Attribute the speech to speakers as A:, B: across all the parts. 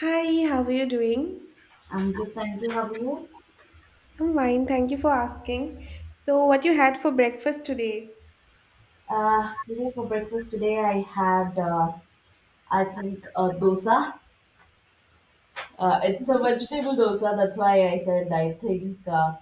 A: Hi, how are you doing?
B: I'm good, thank you. How are you?
A: I'm fine, thank you for asking. So, what you had for breakfast today?
B: For breakfast today, I had, I think, a dosa. It's a vegetable dosa. That's why I said I think. Uh,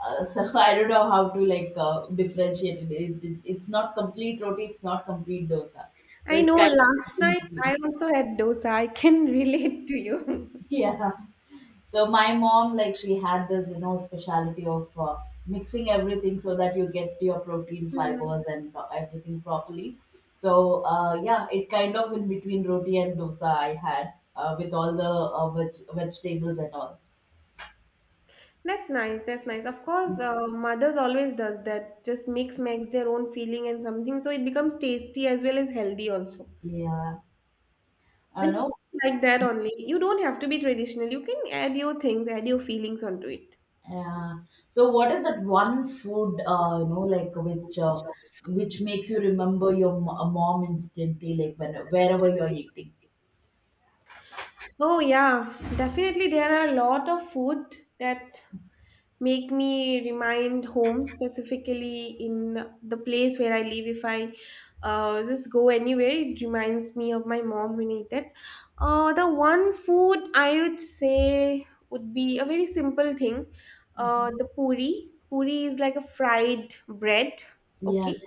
B: uh, so I don't know how to like differentiate it. It's not complete roti. It's not complete dosa. So
A: I
B: it's
A: know
B: kind of
A: last
B: in
A: night
B: between.
A: I also had dosa. I can relate to you.
B: yeah. So my mom, like she had this, speciality of mixing everything so that you get your protein fibers
A: Hmm.
B: and everything properly. So yeah, it kind of in between roti and dosa I had with all the vegetables and all.
A: That's nice. That's nice. Of course, mothers always does that. Just mix makes their own feeling and something, so it becomes tasty as well as healthy also.
B: Yeah, I
A: And
B: don't
A: foods
B: know.
A: like that only. You don't have to be traditional. You can add your things, add your feelings onto it.
B: Yeah. So what is that one food, like which makes you remember your mom instantly, like when wherever you're eating?
A: Oh yeah, definitely there are a lot of food that make me remind home specifically in the place where I live. If I just go anywhere, it reminds me of my mom when I eat that. The one food I would say would be a very simple thing. The puri. Puri is like a fried bread.
B: Yeah.
A: Okay,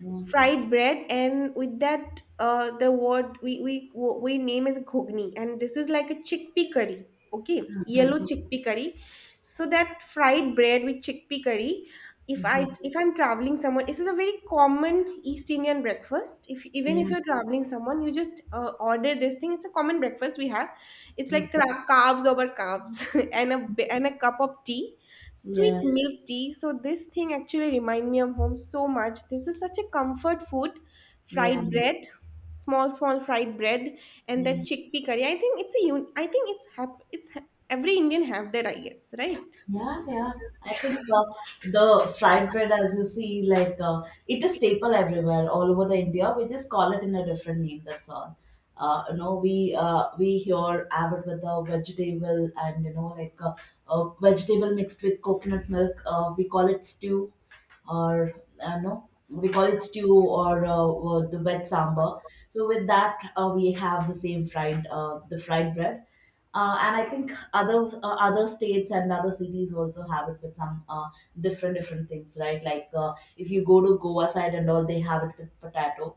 B: Yeah.
A: fried bread, and with that the word we name is ghogni, and this is like a chickpea curry. Okay, yellow chickpea curry. So that fried bread with chickpea curry, if i
B: Mhm.
A: if I'm traveling someone, this is a very common east indian breakfast. If even if
B: Yeah.
A: you're traveling someone, you just order this thing. It's a common breakfast we have. It's like
B: Uh-huh.
A: carbs over carbs, and a cup of tea, sweet
B: Yeah,
A: milk tea. So this thing actually remind me of home so much. This is such a comfort food.
B: yeah,
A: Fried bread, small small fried bread, and that
B: yeah,
A: chickpea curry. I think it's a un- I think it's hap- it's ha- every indian have that, I guess, right?
B: yeah, yeah. I think, the fried bread, as you see, like it is staple everywhere, all over the India. We just call it in a different name. That's all. We here have it with the vegetable and like vegetable mixed with coconut milk. We call it stew, or no, we call it stew or the wet sambar. So with that, we have the same fried bread. And I think other states and other cities also have it with some different different things, right? Like if you go to Goa side and all, they have it with potato.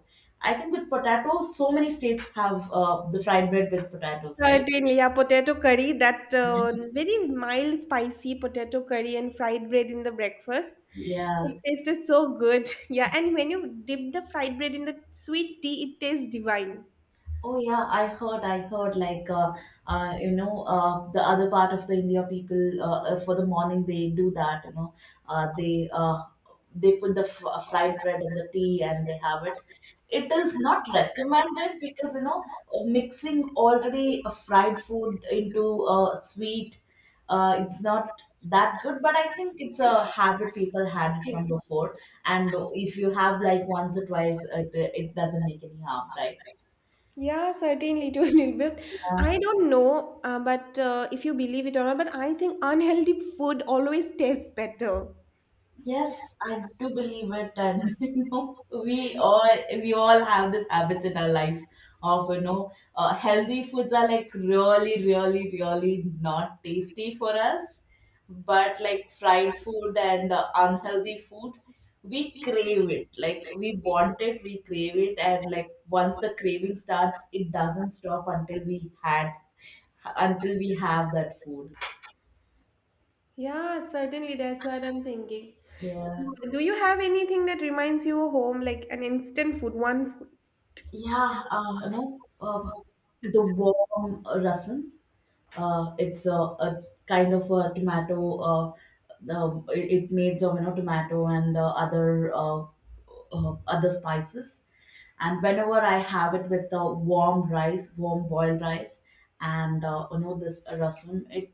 B: I think with potato, so many states have the fried bread with potatoes, right?
A: Certainly, yeah, potato curry, that
B: Yeah.
A: very mild, spicy potato curry and fried bread in the breakfast.
B: Yeah.
A: It tasted so good. Yeah, and when you dip the fried bread in the sweet tea, it tastes divine.
B: Oh yeah, I heard. I heard like the other part of the India people for the morning they do that. Uh, they uh, they put the fried bread in the tea and they have it. It is not recommended because mixing already a fried food into sweet, it's not
A: Yeah.
B: that good. But I think it's a habit people had it from before, and if you have like once or twice, it doesn't make any harm, right?
A: Yeah, certainly, to a little bit.
B: Yeah.
A: I don't know, but if you believe it or not, but I think unhealthy food always tastes better.
B: Yes, I do believe it, and we all have this habits in our life of healthy foods are like really, really, really not tasty for us, but like fried food and unhealthy food, we crave it. Like we want it, we crave it, and like once the craving starts, it doesn't stop until we have that food.
A: Yeah, certainly. That's what I'm thinking. So,
B: Yeah.
A: do you have anything that reminds you of home, like an instant food, one food?
B: Yeah, the warm rasam. It's kind of a tomato. It made of tomato and other spices. And whenever I have it with the warm rice, warm boiled rice, and this rasam, it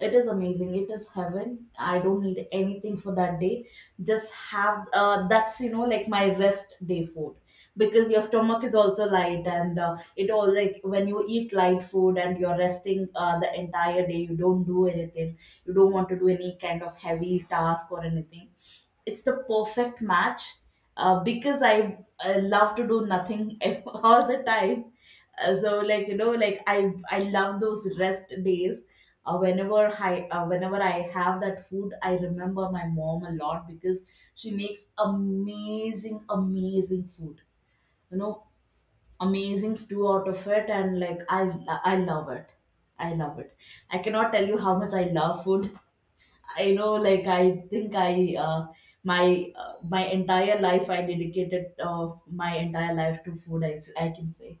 B: it is amazing. It is heaven. I don't need anything for that day. Just have that's like my rest day food because your stomach is also light and it all like when you eat light food and you're resting the entire day. You don't do anything. You don't want to do any kind of heavy task or anything. It's the perfect match because I love to do nothing all the time, so like I love those rest days. Whenever I have that food, I remember my mom a lot because she makes amazing amazing food, you know amazing stew out of it. And like I love it. I love it. I cannot tell you how much I love food. I know, like I think I my my entire life I dedicated, my entire life to food, I can say.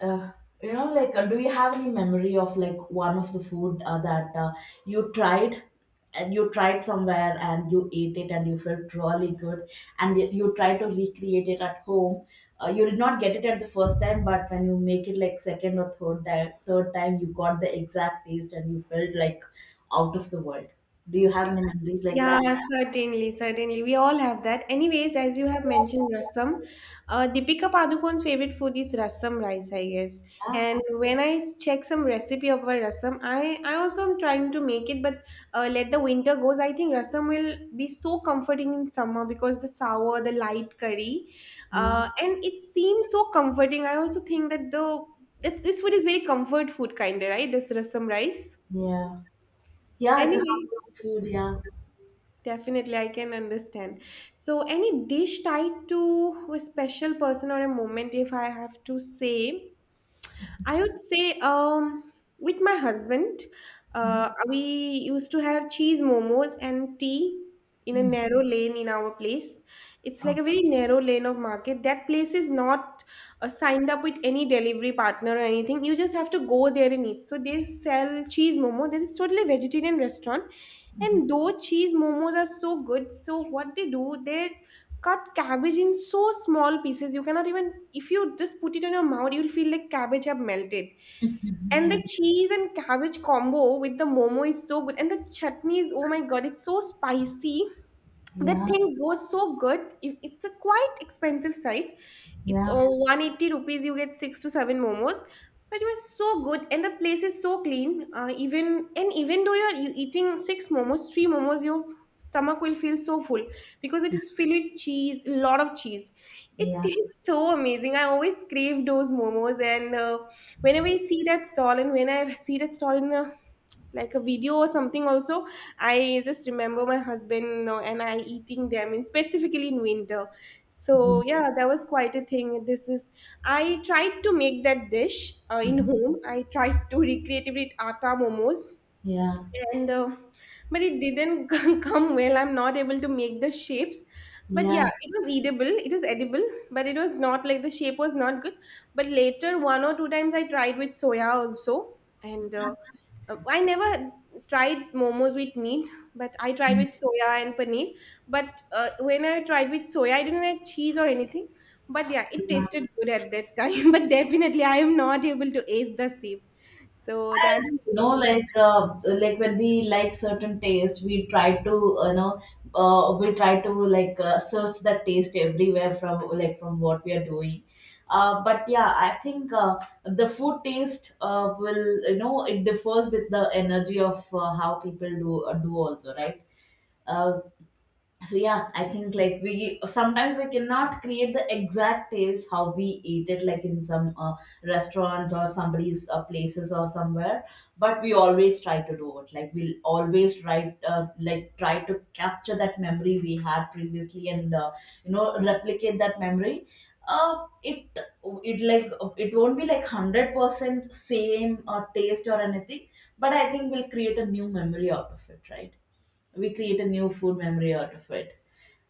B: uh, do you have any memory of like one of the food that you tried, and you tried somewhere and you ate it and you felt really good, and you try to recreate it at home. You did not get it at the first time, but when you make it like second or third time, you got the exact taste and you felt like out of the world. Do you have any memories like that?
A: Yeah, certainly, certainly. We all have that. Anyways, as you have mentioned rasam, Deepika Padukone's favorite food is rasam rice, I guess.
B: Yeah,
A: And when check some recipe of a rasam, I also am trying to make it, but let the winter goes. I think rasam will be so comforting in summer because the sour, the light curry,
B: yeah,
A: and it seems so comforting. I also think that the that this food is very comfort food kind of, right? This rasam rice.
B: yeah, yeah, it's a
A: Anyways.
B: comforting food. Yeah.
A: Definitely, I can understand. So, any dish tied to a special person or a moment, if I have to say, I would say with my husband,
B: Mhm.
A: we used to have cheese momos and tea in a
B: Mm.
A: narrow lane in our place. It's like
B: Oh.
A: a very narrow lane of market. That place is not signed up with any delivery partner or anything. You just have to go there and eat. So, they sell cheese momo. There is totally vegetarian restaurant,
B: Mhm.
A: and though cheese momos are so good. So what they do, they cut cabbage in so small pieces. You cannot even, if you just put it in your mouth, you'll feel like cabbage have melted. And
B: Yeah,
A: the cheese and cabbage combo with the momo is so good. And the chutney is, oh my god, it's so spicy. That
B: yeah.
A: things go so good. It's a quite expensive site. It's
B: Yeah,
A: all 180 rupees, you get six to seven momos, but it was so good, and the place is so clean, even and even though you eating six momos, three momos, your stomach will feel so full because it is filled with cheese, a lot of cheese. It
B: yeah,
A: tastes so amazing. I always crave those momos, and whenever I see that stall, and when I see that stall in a like a video or something, also I just remember my husband, you know, and I eating them, and specifically in winter. So
B: mhm,
A: yeah, that was quite a thing. This is, I tried to make that dish in
B: mhm,
A: home. I tried to recreate it with atta momos,
B: yeah,
A: and but it didn't come well. I'm not able to make the shapes, but
B: yeah.
A: yeah, it was edible. It was edible, but it was not like, the shape was not good. But later one or two times I tried with soya also, and I never tried momos with meat, but I tried with soya and paneer. But when I tried with soya, I didn't add cheese or anything, but yeah, it tasted good at that time. But definitely, I am not able to ace the shape, so
B: I do,
A: that's.
B: like when we like certain taste, we try to like search that taste everywhere from from what we are doing. But yeah, I think the food taste will, it differs with the energy of how people do also, right? Uh, so yeah, I think like we sometimes we cannot create the exact taste how we eat it, like in some restaurant or somebody's places or somewhere. But we always try to do it, like we'll always try like try to capture that memory we had previously and replicate that memory. Uh, it it like it won't be like 100% same or taste or anything, but I think we'll create a new memory out of it, right? We create a new food memory out of it.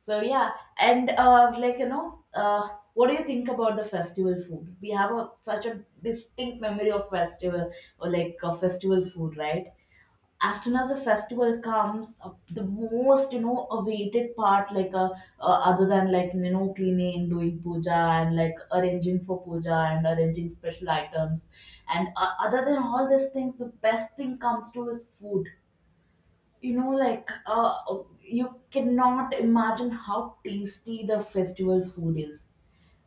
B: So yeah. And what do you think about the festival food? We have a such a distinct memory of festival or like festival food, right? As soon as a festival comes, the most awaited part, like other than cleaning, doing puja, and like arranging for puja and arranging special items, and other than all these things, the best thing comes to is food. you know like uh, you cannot imagine how tasty the festival food is.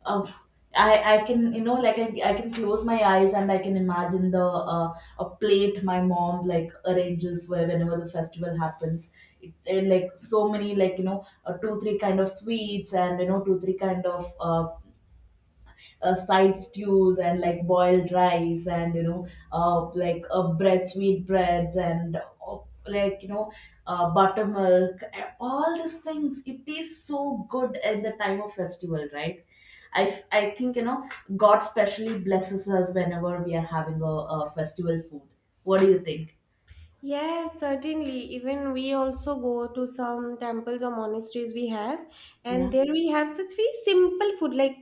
B: Uh, I can you know like I can close my eyes and I can imagine the a plate my mom like arranges where whenever the festival happens. It, and, like so many, two three kind of sweets, and two three kind of side stews, and like boiled rice, and bread sweet breads, and like you know buttermilk, and all these things, it tastes so good at the time of festival, right? I think God specially blesses us whenever we are having a festival food. What do you think?
A: Yes, certainly. Even we also go to some temples or monasteries we have,
B: Yeah,
A: and there we have such very simple food like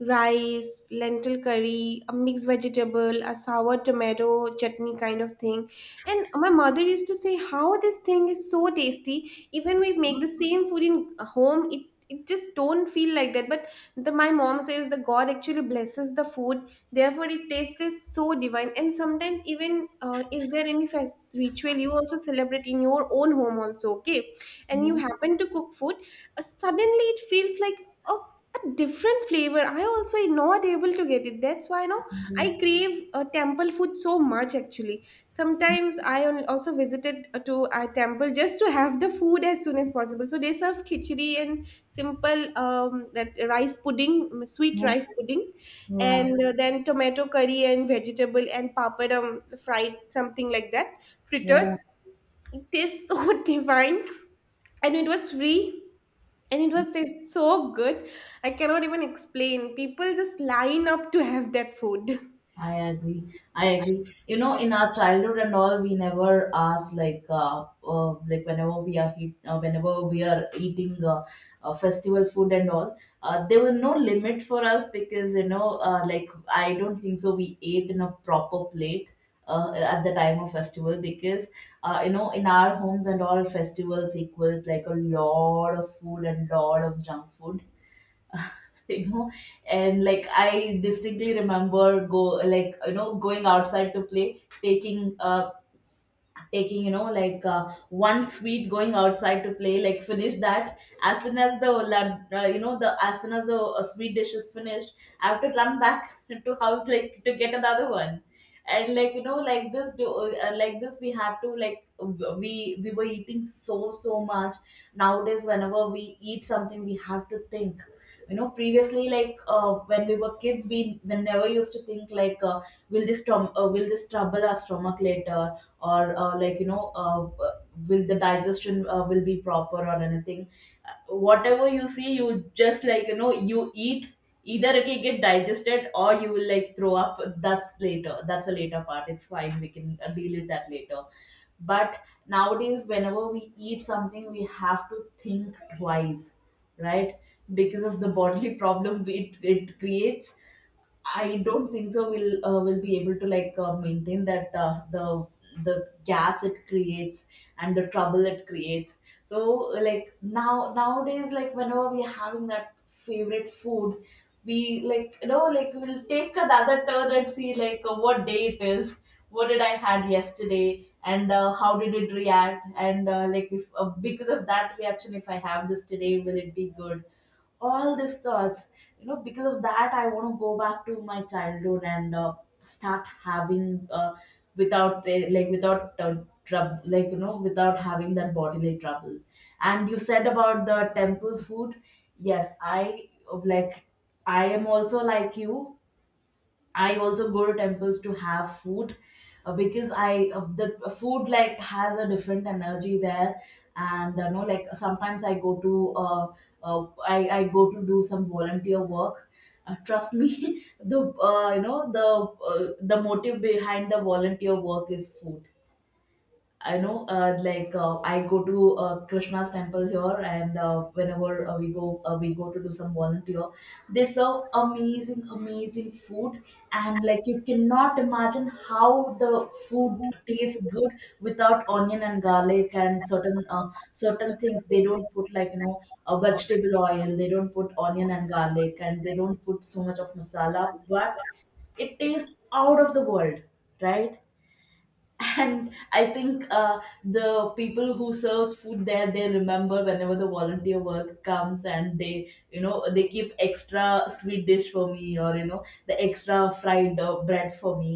A: rice, lentil curry, a mixed vegetable, a sour tomato chutney kind of thing. And my mother used to say how this thing is so tasty. Even we make the same food in home, it just don't feel like that. But the my mom says the God actually blesses the food. Therefore, it tasted so divine. And sometimes, even is there any fest ritual you also celebrate in your own home, also, okay? And you
B: yeah,
A: happen to cook food, suddenly it feels like a different flavor. I also am not able to get it. That's why, you,
B: yeah,
A: I crave temple food so much actually. Sometimes I also visited to a temple just to have the food as soon as possible. So they serve khichdi and simple that rice pudding, mm, sweet rice pudding,
B: yeah,
A: and then tomato curry and vegetable and papadum, fried something like that, fritters.
B: yeah.
A: It tastes so divine, and it was free, and it was tastes so good. I cannot even explain, people just line up to have that food.
B: I agree. I agree. You know, in our childhood and all, we never ask like whenever we are eating festival food and all, there was no limit for us because like I don't think so. We ate in a proper plate. At the time of festival, because in our homes and all, festivals equals like a lot of food and lot of junk food, you know and like I distinctly remember go like you know going outside to play, taking one sweet, going outside to play, like finish that as soon as the as soon as the sweet dish is finished. I have to run back to house, like to get another one. And like like this, we had to like w- we were eating so so much. Nowadays, whenever we eat something, we have to think. Previously, like when we were kids, we never used to think, like will this trouble our stomach later? Or will the digestion will be proper or anything? Whatever you see, you just you eat. Either it will get digested or you will like throw up. That's later. That's a later part. It's fine, we can deal with that later. But nowadays, whenever we eat something, we have to think twice, right? Because of the bodily problem it creates. I don't think so. We'll will be able to like maintain that, the gas it creates and the trouble it creates. So like nowadays, like whenever we are having that favorite food, we like you know like we'll take another turn and see, like what day it is, what did I had yesterday, and how did it react, and like if because of that reaction, if I have this today, will it be good? All these thoughts, because of that I want to go back to my childhood and start having without like without trouble, without having that bodily trouble. And you said about the temple food, yes, I like I am also like you. I also go to temples to have food because I the food like has a different energy there, and sometimes I go to do some volunteer work. Trust me, the motive behind the volunteer work is food. I know, I go to Krishna's temple here, and whenever we go to do some volunteer. They serve amazing, amazing food, and like you cannot imagine how the food tastes good without onion and garlic and certain things. They don't put a vegetable oil. They don't put onion and garlic, and they don't put so much of masala, but it tastes out of the world, right? And I think the people who serves food there, they remember whenever the volunteer work comes, and they you know they keep extra sweet dish for me, or the extra fried bread for me.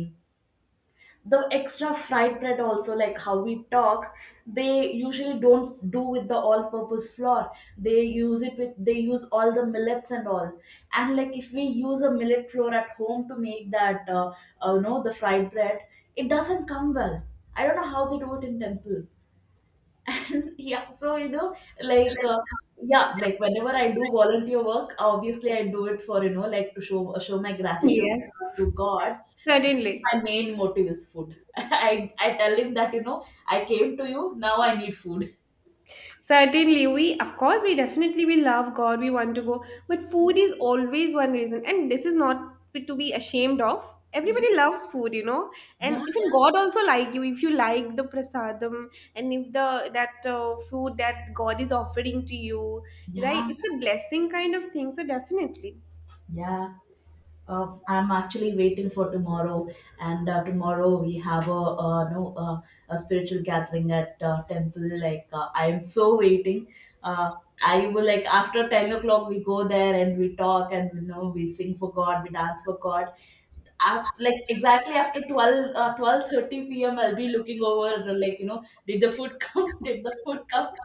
B: The extra fried bread, also like how we talk, they usually don't do with the all purpose flour. They use all the millets and all. And like if we use a millet flour at home to make that, the fried bread, it doesn't come well. I don't know how they do it in temple. Yeah, so like uh, yeah, like whenever I do volunteer work, obviously I do it for, to show my gratitude
A: Yes.
B: to God.
A: Certainly.
B: My main motive is food. I tell him that I came to you, now I need food.
A: Certainly, we of course we definitely we love God. We want to go, but food
B: Yeah,
A: is always one reason, and this is not to be ashamed of.
B: yeah,
A: Everybody loves food, you know,
B: yeah,
A: and even God also, like you, if you like the prasadam, and if the that food that God is offering to you, right?
B: yeah,
A: It's a blessing kind of thing. So definitely.
B: yeah. I'm actually waiting for tomorrow, and tomorrow we have a, no, a spiritual gathering at temple. Like I'm so waiting. Uh, I will, like after 10 o'clock we go there, and we talk, and we sing for God, we dance for God. At, like exactly after 12, 12:30 p.m. I'll be looking over, like did the food come, did the food come.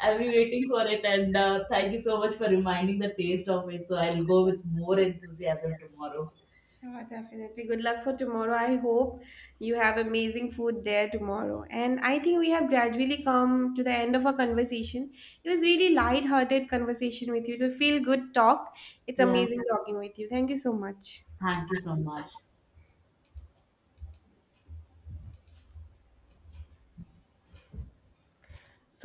B: I'll be waiting for it, and thank you so much for reminding the taste of it. So I'll go with more enthusiasm tomorrow.
A: Sure, definitely. Good luck for tomorrow. I hope you have amazing food there tomorrow. And I think we have gradually come to the end of our conversation. It was really light-hearted conversation with you. To feel good talk. It's
B: Yeah,
A: amazing talking with you. Thank you so much.
B: thank you so much.
A: So